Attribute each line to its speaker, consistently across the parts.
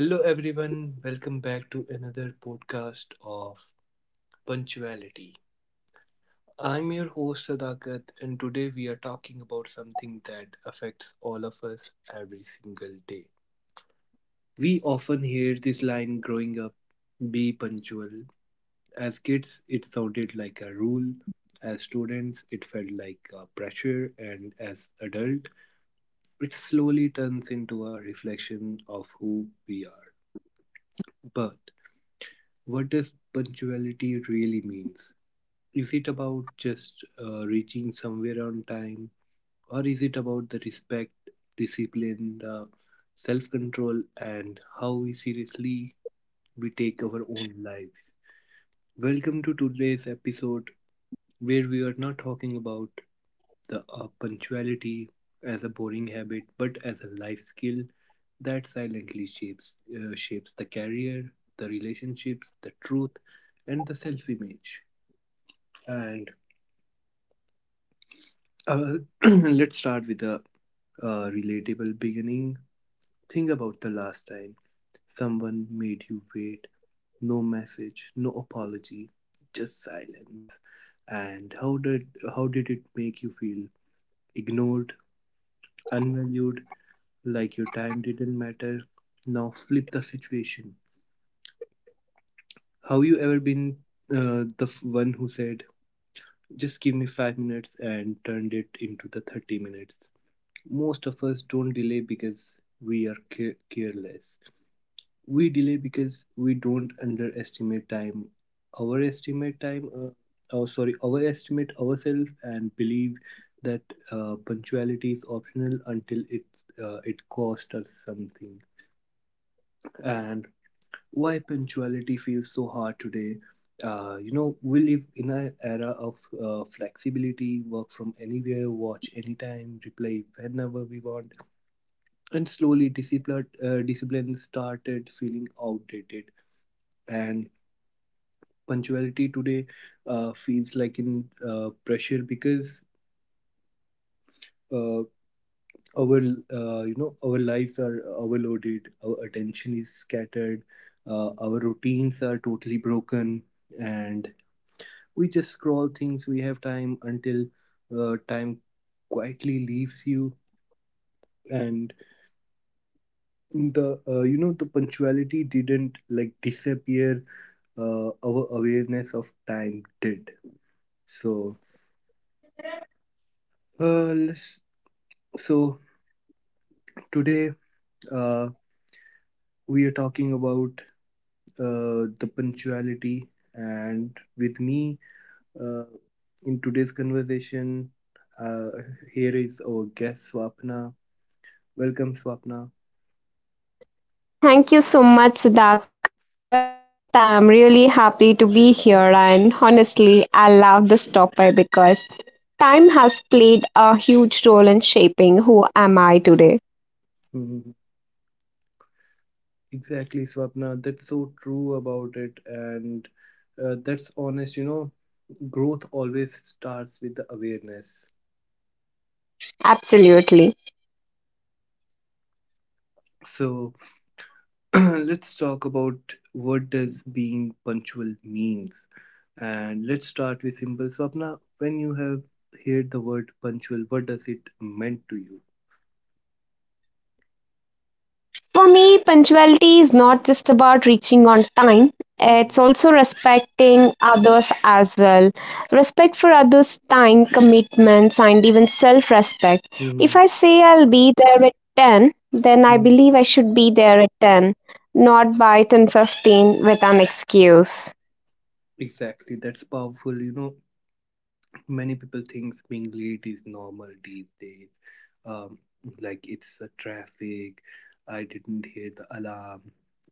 Speaker 1: hello everyone, welcome back to another podcast of Punctuality. I'm your host Sadakat, and today we are talking about something that affects all of us every single day. We often hear this line growing up, be punctual. As kids, it sounded like a rule. As students, it felt like a pressure, and as adult, it slowly turns into a reflection of who we are. But what does punctuality really means? Is it about just reaching somewhere on time, or is it about the respect, discipline, the self control, and how we seriously we take our own lives? Welcome to today's episode where we are not talking about the punctuality as a boring habit, but as a life skill that silently shapes the career, the relationships, the truth, and the self-image. And uh, let's start with a relatable beginning. Think about the last time someone made you wait. No message, no apology, just silence. And how did it make you feel? Ignored, unvalued, like your time didn't matter. Now flip the situation. Have you ever been the one who said, "Just give me 5 minutes," and turned it into the 30 minutes? Most of us don't delay because we are careless. We delay because we don't underestimate time, overestimate time, oh sorry, overestimate ourselves and believe that punctuality is optional until it costs us something. And why punctuality feels so hard today? You know, we live in an era of flexibility, work from anywhere, watch anytime, reply whenever we want, and slowly, discipline started feeling outdated. And punctuality today feels like in pressure because uh, our our lives are overloaded. Our attention is scattered. Our routines are totally broken, and we just scroll things. We have time until time quietly leaves you and the you know the punctuality didn't like disappear, our awareness of time did. So, uh, let's, so today uh, we are talking about the punctuality, and with me uh, in today's conversation, uh, here is our guest Swapna. Welcome, Swapna.
Speaker 2: Thank you so much, Siddharth. I'm really happy to be here, and honestly, I love this topic because time has played a huge role in shaping who am I today.
Speaker 1: Mhm. Exactly, Swapna. That's so true about it, and that's honest. You know, growth always starts with the awareness.
Speaker 2: Absolutely.
Speaker 1: So, let's talk about what does being punctual means, and let's start with simple. So, Swapna, when you have heard the word punctual, what does it meant to you?
Speaker 2: For me, punctuality is not just about reaching on time, it's also
Speaker 1: Mhm.
Speaker 2: respecting others as well. Respect for others' time, commitments, and even self respect. If I
Speaker 1: Mhm.
Speaker 2: say I'll be there at 10, then I
Speaker 1: Mhm.
Speaker 2: believe I should be there at 10, not by 10:15 with an excuse.
Speaker 1: Exactly, that's powerful. You know, many people thinks being late is normal these days. um, like, it's a traffic, I didn't hear the alarm,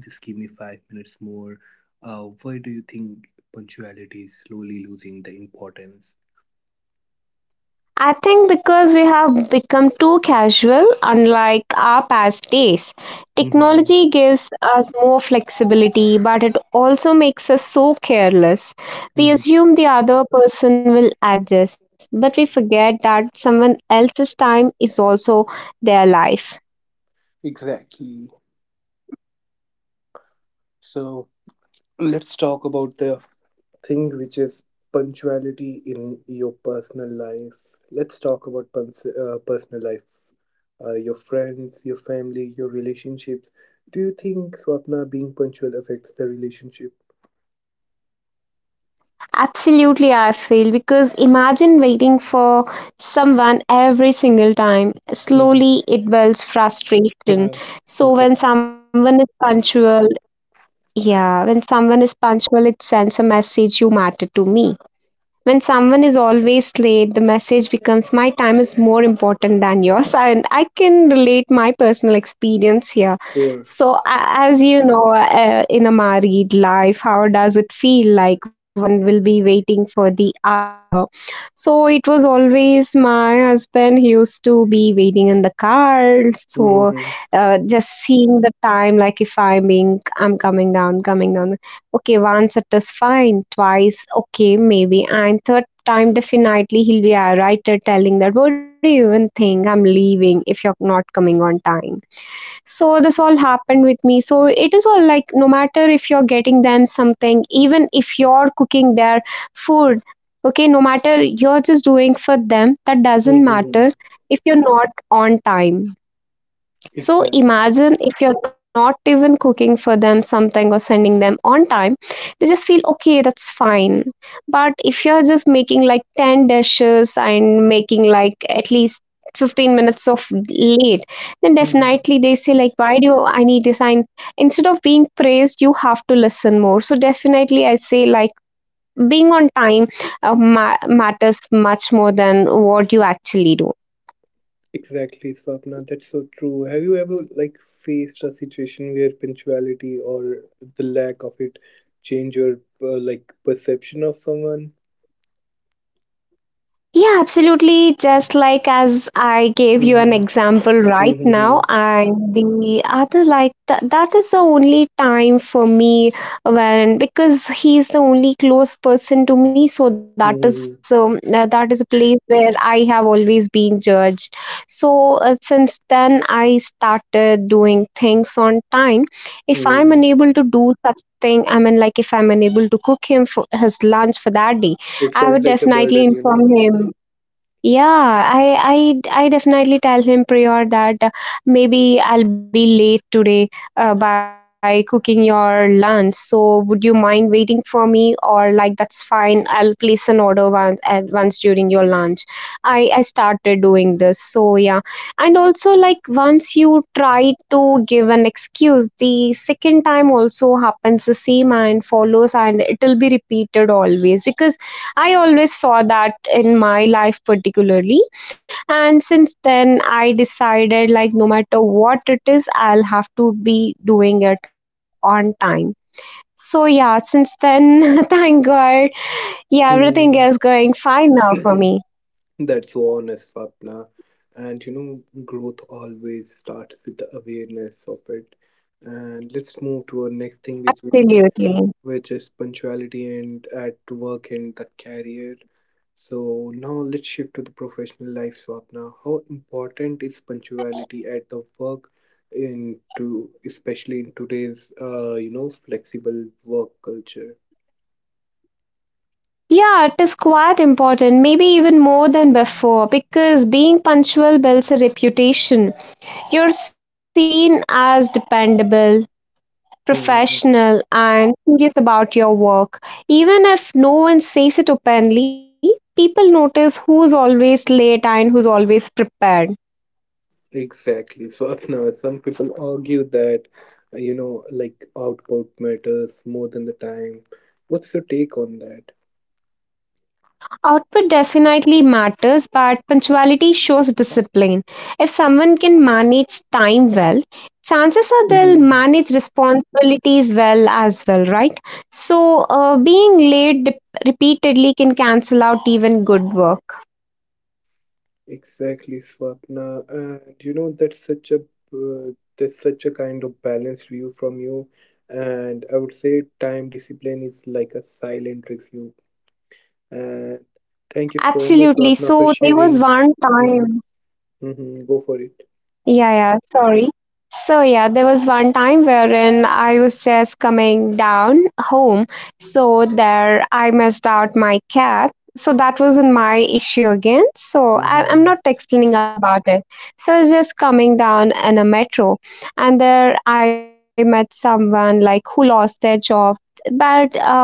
Speaker 1: just give me 5 minutes more. Why do you think punctuality is slowly losing the importance?
Speaker 2: I think because we have become too casual, unlike our past days.
Speaker 1: Mhm.
Speaker 2: Technology gives us more flexibility, but it also makes us so careless. We
Speaker 1: Mhm.
Speaker 2: assume the other person will adjust, but we forget that someone else's time is also their life.
Speaker 1: Exactly. So let's talk about the thing which is punctuality in your personal life. Let's talk about personal life, your friends, your family, your relationships. Do you think, Swapna, being punctual affects the relationship?
Speaker 2: Absolutely, I feel because imagine waiting for someone every single time.
Speaker 1: Mm-hmm.
Speaker 2: Slowly, it builds frustration.
Speaker 1: Uh,
Speaker 2: So,
Speaker 1: exactly.
Speaker 2: when someone is punctual, yeah, when someone is punctual, it sends a message you matter to me. When someone is always late, the message becomes my time is more important than yours. And I can relate my personal experience here.
Speaker 1: Sure.
Speaker 2: So, as you know, in a married life, how does it feel like one will be waiting for the other? So, it was always my husband he used to be waiting in the car. So,
Speaker 1: Mm-hmm.
Speaker 2: just seeing the time, like if I'm being, I'm coming down. Okay, once it is fine, twice, okay, maybe, and third time, definitely he'll be a writer telling that, what do you even think? I'm leaving if you're not coming on time. So, this all happened with me. So, it is all like no matter if you're getting them something, even if you're cooking their food, okay, no matter you're just doing for them, that doesn't
Speaker 1: Mm-hmm.
Speaker 2: matter if you're not on time. So
Speaker 1: Exactly.
Speaker 2: imagine if you're not even cooking for them something or sending them on time, they just feel okay, that's fine. But if you're just making like 10 dishes and making like at least 15 minutes of late, then definitely they say like, why do you, I need this? And instead of being praised, you have to listen more. So definitely I say like being on time matters much more than what you actually do.
Speaker 1: Exactly, Swapna. That's so true. Have you ever like faced a situation where punctuality, or the lack of it, change your like perception of someone?
Speaker 2: Yeah, absolutely. Just like as I gave you an
Speaker 1: Mm-hmm.
Speaker 2: example right
Speaker 1: Mm-hmm.
Speaker 2: now, and the other, like that is the only time for me when because he's the only close person to me, so
Speaker 1: Mm-hmm.
Speaker 2: that is a place where I have always been judged. So since then, I started doing things on time. If I'm
Speaker 1: Mm-hmm.
Speaker 2: unable to do such thing, I mean, like if I'm unable to cook him for his lunch for that day.
Speaker 1: It
Speaker 2: I would
Speaker 1: felt like a
Speaker 2: definitely
Speaker 1: burden, you know.
Speaker 2: inform him, yeah, I definitely tell him prior that maybe I'll be late today by cooking your lunch. So would you mind waiting for me? Or like that's fine. I'll place an order once during your lunch. I started doing this. So yeah, and also like once you try to give an excuse, the second time also happens the same and follows, and it'll be repeated always because I always saw that in my life particularly, and since then I decided like no matter what it is I'll have to be doing it on time. So yeah, since then thank God, yeah, everything
Speaker 1: Mm-hmm.
Speaker 2: is going fine now for me.
Speaker 1: That's so honest, Swapna. And you know, growth always starts with the awareness of it. And let's move to our next thing, which is
Speaker 2: Absolutely.
Speaker 1: which is punctuality and at work and the career. So now let's shift to the professional life, Swapna. How important is punctuality at the work in to especially in today's flexible work culture?
Speaker 2: Yeah, it is quite important, maybe even more than before, because being punctual builds a reputation. You're seen as dependable,
Speaker 1: Mhm.
Speaker 2: professional and serious about your work. Even if no one says it openly, people notice who's always late and who's always prepared.
Speaker 1: Exactly, Swapna. Some people argue that like output matters more than the time. What's your take on that?
Speaker 2: Output definitely matters, but punctuality shows discipline. If someone can manage time well, chances are they'll
Speaker 1: Mhm.
Speaker 2: manage responsibilities well as well, right? So, being late repeatedly can cancel out even good work.
Speaker 1: Exactly, Swapna. And you know that's such a kind of balanced view from you. And I would say time discipline is like a silent review. And thank you so much,
Speaker 2: Absolutely.
Speaker 1: Swapna, for
Speaker 2: So there was
Speaker 1: sharing.
Speaker 2: one
Speaker 1: hmm
Speaker 2: time.
Speaker 1: hmm. Go for it.
Speaker 2: Yeah, yeah, sorry. So yeah, there was one time wherein I was just coming down home, so there I missed out my cab. So that wasn't my issue again. So I'm
Speaker 1: hmm
Speaker 2: not explaining about it. So I was just coming down in a metro, and there I met someone like who lost their job, but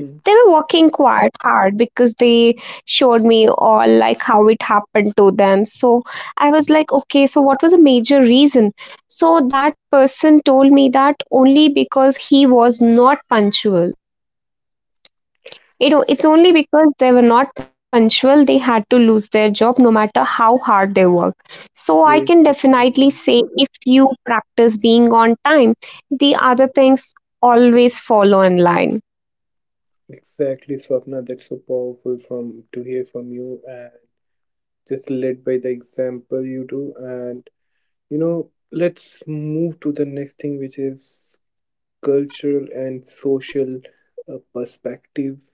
Speaker 2: they were working quite hard because they showed me all like how it happened to them. So I was like okay, so what was a major reason? So that person told me that only because he was not punctual, you know, it's only because they were not punctual they had to lose their job no matter how hard they work. So I can
Speaker 1: Yes,
Speaker 2: definitely
Speaker 1: exactly.
Speaker 2: say if you practice being on time, the other things always follow in line.
Speaker 1: Exactly, Swapna. That's so powerful from to hear from you, and just led by the example you do. And you know, let's move to the next thing, which is cultural and social perspective.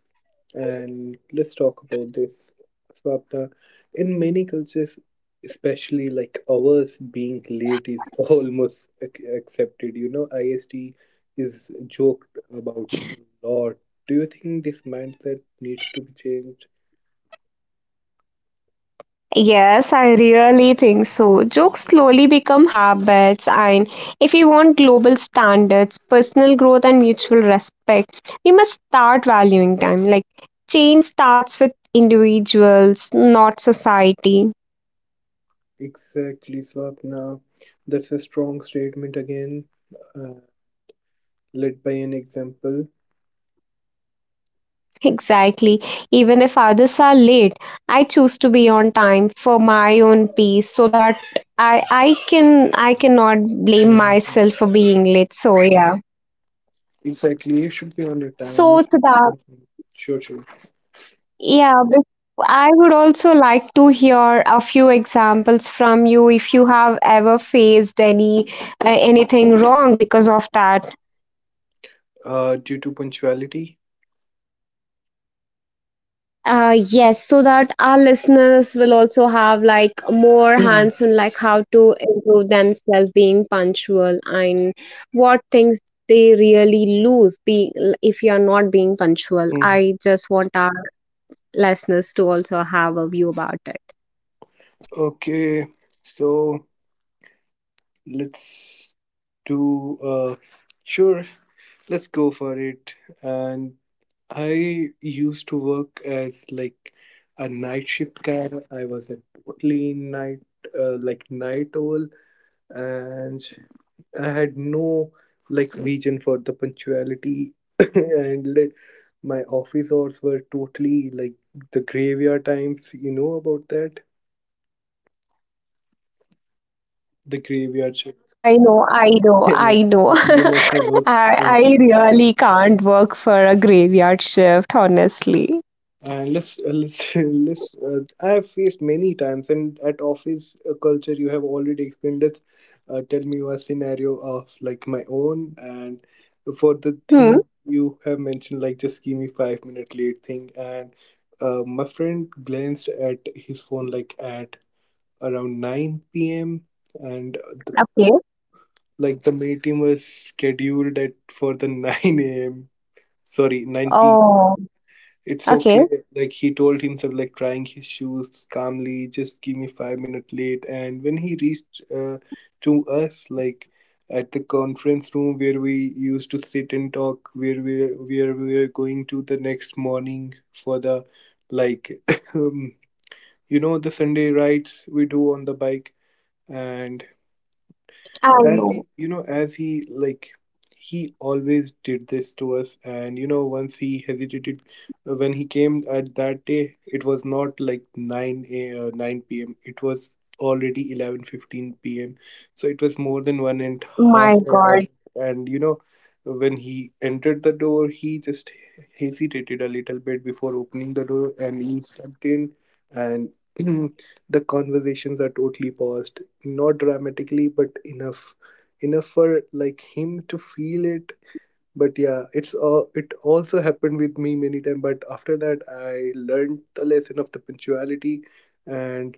Speaker 1: And let's talk about this. Swapna, in many cultures, especially like ours, being late is almost accepted. You know, IST is joked about a lot. Do you think this mindset needs to be changed?
Speaker 2: Yes, I really think so. Jokes slowly become habits, and if we want global standards, personal growth, and mutual respect, we must start valuing them. Like, change starts with individuals, not society.
Speaker 1: Exactly, Swapna. That's a strong statement again, uh, led by an example.
Speaker 2: Exactly. Even if others are late, I choose to be on time for my own peace so that I cannot blame
Speaker 1: Mhm.
Speaker 2: myself for being late. So yeah.
Speaker 1: Exactly. You should be on your time.
Speaker 2: So
Speaker 1: You should be
Speaker 2: Siddharth,
Speaker 1: punctual. Sure, sure.
Speaker 2: yeah, but I would also like to hear a few examples from you if you have ever faced any anything wrong because of that.
Speaker 1: Due to punctuality.
Speaker 2: Yes, so that our listeners will also have like more hands on like how to improve themselves being punctual and what things they really lose being if you are not being punctual.
Speaker 1: Hmm.
Speaker 2: I just want our listeners to also have a view about it.
Speaker 1: Okay. So let's do. Sure. Let's go for it. And I used to work as like a night shift guy. I was at totally night, like night owl, and I had no like vision for the punctuality. And like, my office hours were totally like the graveyard times. You know about that? The graveyard shifts.
Speaker 2: I know, I know,
Speaker 1: You
Speaker 2: I know.
Speaker 1: must have worked.
Speaker 2: I really can't work for a graveyard shift, honestly.
Speaker 1: And let's let's. I have faced many times, and at office culture, you have already explained. Let's tell me a scenario of like my own, and for the thing
Speaker 2: Hmm.
Speaker 1: you have mentioned, like just give me 5 minute late thing. And my friend glanced at his phone like at around nine p.m. And the,
Speaker 2: Okay.
Speaker 1: like the meeting was scheduled at for the nine a.m. Sorry, nine p.
Speaker 2: Oh,
Speaker 1: It's
Speaker 2: okay.
Speaker 1: okay. Like he told himself, like trying his shoes calmly, just give me 5 minutes late. And when he reached to us, like at the conference room where we used to sit and talk, where we were going to the next morning for the like, um, the Sunday rides we do on the bike. And
Speaker 2: I know.
Speaker 1: as he, you know, as he like he always did this to us. And you know, once he hesitated, when he came at that day, it was not like 9 9 p.m. It was already 11:15 p.m., so it was more than one
Speaker 2: My
Speaker 1: and
Speaker 2: God.
Speaker 1: half hour all. And you know, when he entered the door, he just hesitated a little bit before opening the door, and he stepped in. And the conversations are totally paused, not dramatically, but enough for like him to feel it. But yeah, it also happened with me many times, but after that I learned the lesson of the punctuality. And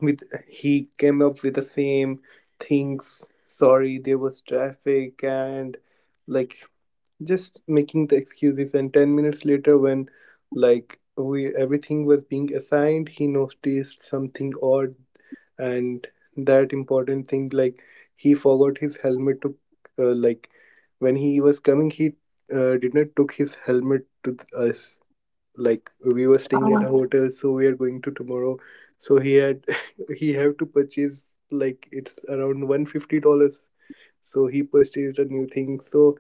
Speaker 1: with he came up with the same things, sorry, there was traffic and like just making the excuses. And 10 minutes later, when like we everything was being assigned, he noticed something odd. And that important thing, like he forgot his helmet to, like, when he was coming, he did not took his helmet to us. Like, we were staying at
Speaker 2: Oh.
Speaker 1: a hotel, so we are going to tomorrow. So he had he have to purchase, like, it's around $150, so he purchased a new thing. So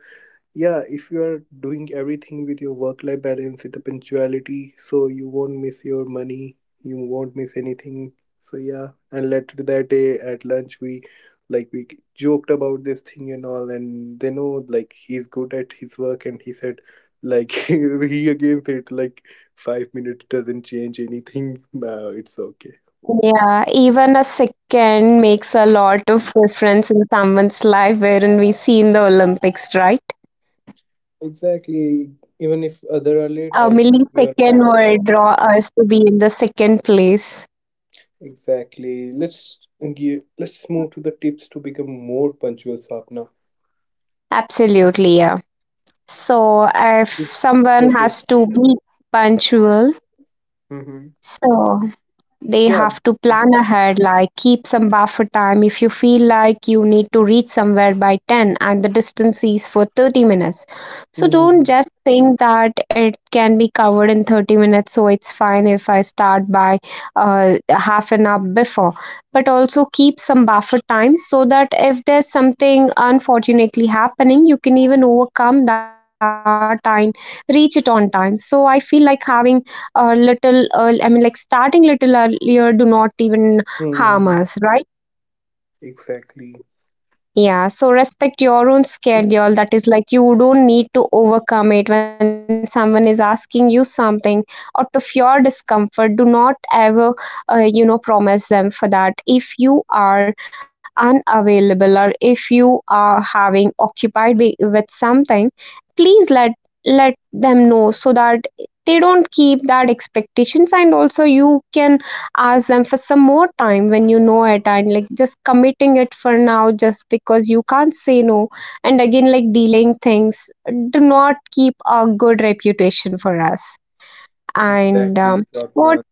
Speaker 1: yeah, if you are doing everything with your work life balance with the punctuality, so you won't miss your money, you won't miss anything. So yeah, and later that day at lunch, we joked about this thing and all, and they know like he's good at his work. And he said like, he again said like, 5 minutes doesn't change anything. No, it's okay.
Speaker 2: Yeah, even a second makes a lot of difference in someone's life, wherein we see in the Olympics, right?
Speaker 1: Exactly. Even if
Speaker 2: A
Speaker 1: other are late, I
Speaker 2: millisecond
Speaker 1: should
Speaker 2: will
Speaker 1: be on
Speaker 2: draw
Speaker 1: time now.
Speaker 2: us to be in the second place.
Speaker 1: Exactly. Let's move to the tips to become more punctual, Sapna.
Speaker 2: Absolutely, yeah. So if
Speaker 1: Bef- Sure,
Speaker 2: someone
Speaker 1: sure.
Speaker 2: has to be punctual,
Speaker 1: Mm-hmm.
Speaker 2: so they
Speaker 1: Yeah.
Speaker 2: have to plan ahead, like keep some buffer time if you feel like you need to reach somewhere by 10 and the distance is for 30 minutes. So don't
Speaker 1: Mm-hmm.
Speaker 2: just think that it can be covered in 30 minutes, so it's fine if I start by half an hour before. But also keep some buffer time so that if there's something unfortunately happening, you can even overcome that and reach it on time. So I feel like having little earl I mean like starting little earlier do not even harm
Speaker 1: Hmm.
Speaker 2: us, right?
Speaker 1: Exactly.
Speaker 2: Yeah, so respect your own schedule. That is like you don't need to overcome it when someone is asking you something out of your discomfort. Do not ever, promise them for that. If you are unavailable or if you are having occupied with something, please let them know so that they don't keep that expectations, and also you can ask them for some more time when you know it, and like just committing it for now just because you can't say no and again like delaying things do not keep a good reputation for us. And
Speaker 1: Exactly,
Speaker 2: what
Speaker 1: Sapna.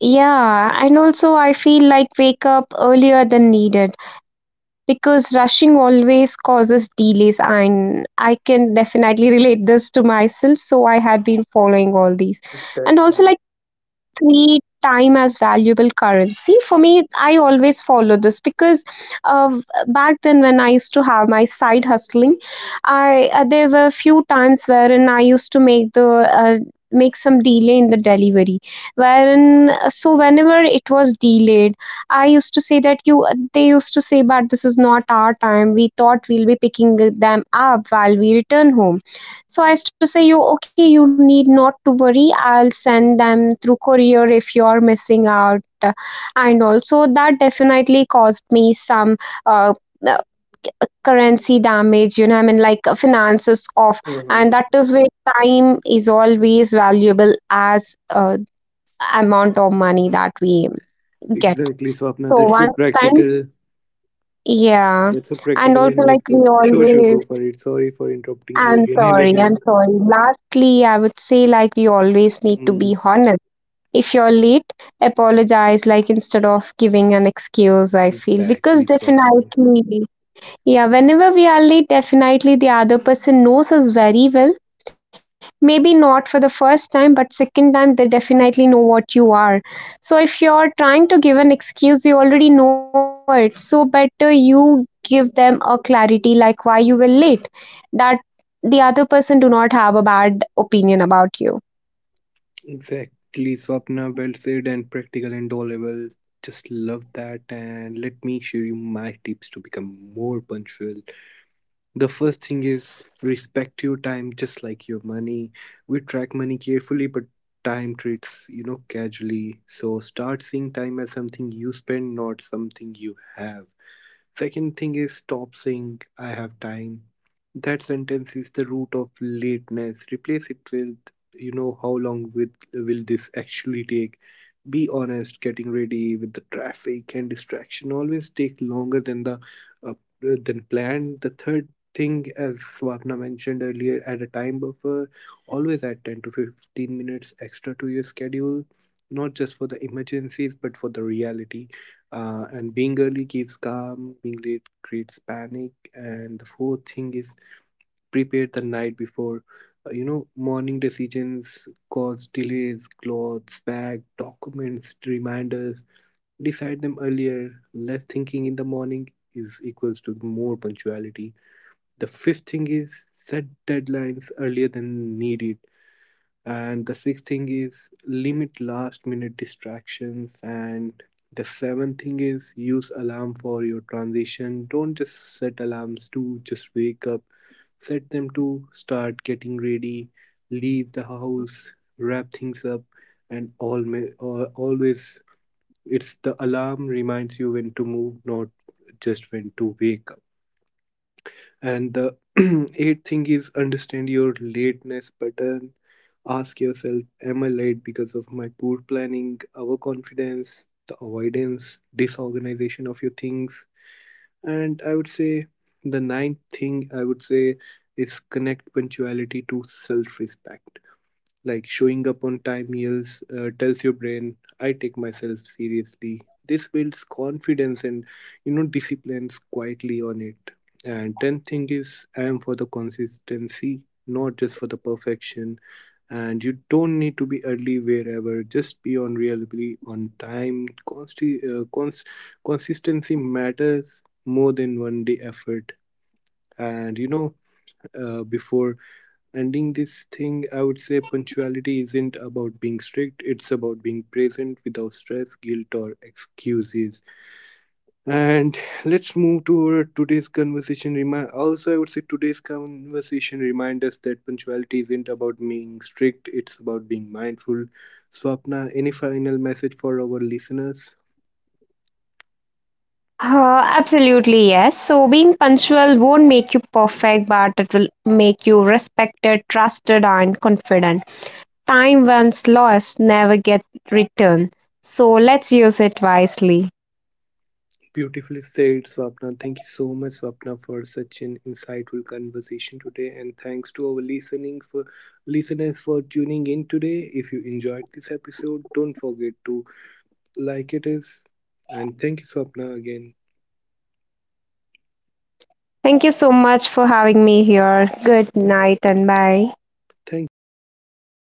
Speaker 2: yeah, and also I feel like wake up earlier than needed because rushing always causes delays, and I can definitely relate this to myself so I had been following all these. And also
Speaker 1: Exactly.
Speaker 2: like treat time as valuable currency. For me, I always follow this because uh, back then when I used to have my side hustling, I there were few times wherein I used to make the make some delay in the delivery wherein so whenever it was delayed I used to say that you they used to say but this is not our time, we thought we'll be picking them up while we return home. So I used to say you okay, you need not to worry, I'll send them through courier if you're missing out. And also that definitely caused me some uh, uh, currency damage, you know, I mean like finances off, and that
Speaker 1: Mm-hmm.
Speaker 2: is where time is always valuable as amount of money that we get.
Speaker 1: Exactly, Swapna.
Speaker 2: So
Speaker 1: That's so
Speaker 2: once spent,
Speaker 1: practical.
Speaker 2: yeah.
Speaker 1: That's so
Speaker 2: And
Speaker 1: practical
Speaker 2: also,
Speaker 1: and
Speaker 2: like,
Speaker 1: like to sure, sure, go for it. Sorry for interrupting you
Speaker 2: I'm
Speaker 1: again and
Speaker 2: sorry, I'm
Speaker 1: again.
Speaker 2: sorry. lastly, I would say, like, we always need to
Speaker 1: Mm,
Speaker 2: be honest. If you're late, apologize, like, instead of giving an excuse, I feel. Because
Speaker 1: exactly, Swapna.
Speaker 2: definitely, yeah, whenever we are late, definitely the other person knows us very well, maybe not for the first time but second time they definitely know what you are. So if you're trying to give an excuse you already know it, so better you give them a clarity like why you were late, that the other person do not have a bad opinion about you.
Speaker 1: Exactly, Swapna. Well said and practical and all level. Just love that. And let me share you my tips to become more punctual. The first thing is respect your time just like your money. We track money carefully, but time treats, casually. So start seeing time as something you spend, not something you have. Second thing is stop saying I have time. That sentence is the root of lateness. Replace it with, you know, how long with will this actually take? Be honest, getting ready with the traffic and distraction always take longer than the uh, than planned. The third thing, as Swapna mentioned earlier, add a time buffer, always add 10 to 15 minutes extra to your schedule, not just for the emergencies but for the reality. And being early gives calm, being late creates panic. And the fourth thing is prepare the night before. Morning decisions cause delays, clothes, bag, documents, reminders. Decide them earlier. Less thinking in the morning is equals to more punctuality. The fifth thing is set deadlines earlier than needed, and the sixth thing is limit last minute distractions. And the seventh thing is use alarm for your transition. Don't just set alarms to just wake up. Set them to start getting ready, leave the house, wrap things up, and all, or always, it's the alarm reminds you when to move, not just when to wake up. And the eighth thing is understand your lateness pattern. Ask yourself, am I late because of my poor planning, overconfidence, the avoidance, disorganization of your things? And I would say the ninth thing I would say is connect punctuality to self respect, like showing up on time meals tells your brain I take myself seriously. This builds confidence and disciplines quietly on it. And 10th thing is I am for the consistency, not just for the perfection. And you don't need to be early wherever, just be on reliably on time. Consistency matters more than one day effort. And you know, before ending this thing, I would say punctuality isn't about being strict, it's about being present without stress, guilt, or excuses. And let's move to our today's conversation. Remind also, I would say today's conversation remind us that punctuality isn't about being strict, it's about being mindful. Swapna, any final message for our listeners?
Speaker 2: Absolutely, yes. So, being punctual won't make you perfect, but it will make you respected, trusted, and confident. Time once lost never get returned, so let's use it wisely.
Speaker 1: Beautifully said, Swapna. Thank you so much, Swapna, for such an insightful conversation today. And thanks to our listening for listeners for tuning in today. If you enjoyed this episode, don't forget to like it is. And thank you, Swapna, again.
Speaker 2: Thank you so much for having me here. Good night and bye.
Speaker 1: Thank you again, Swapna.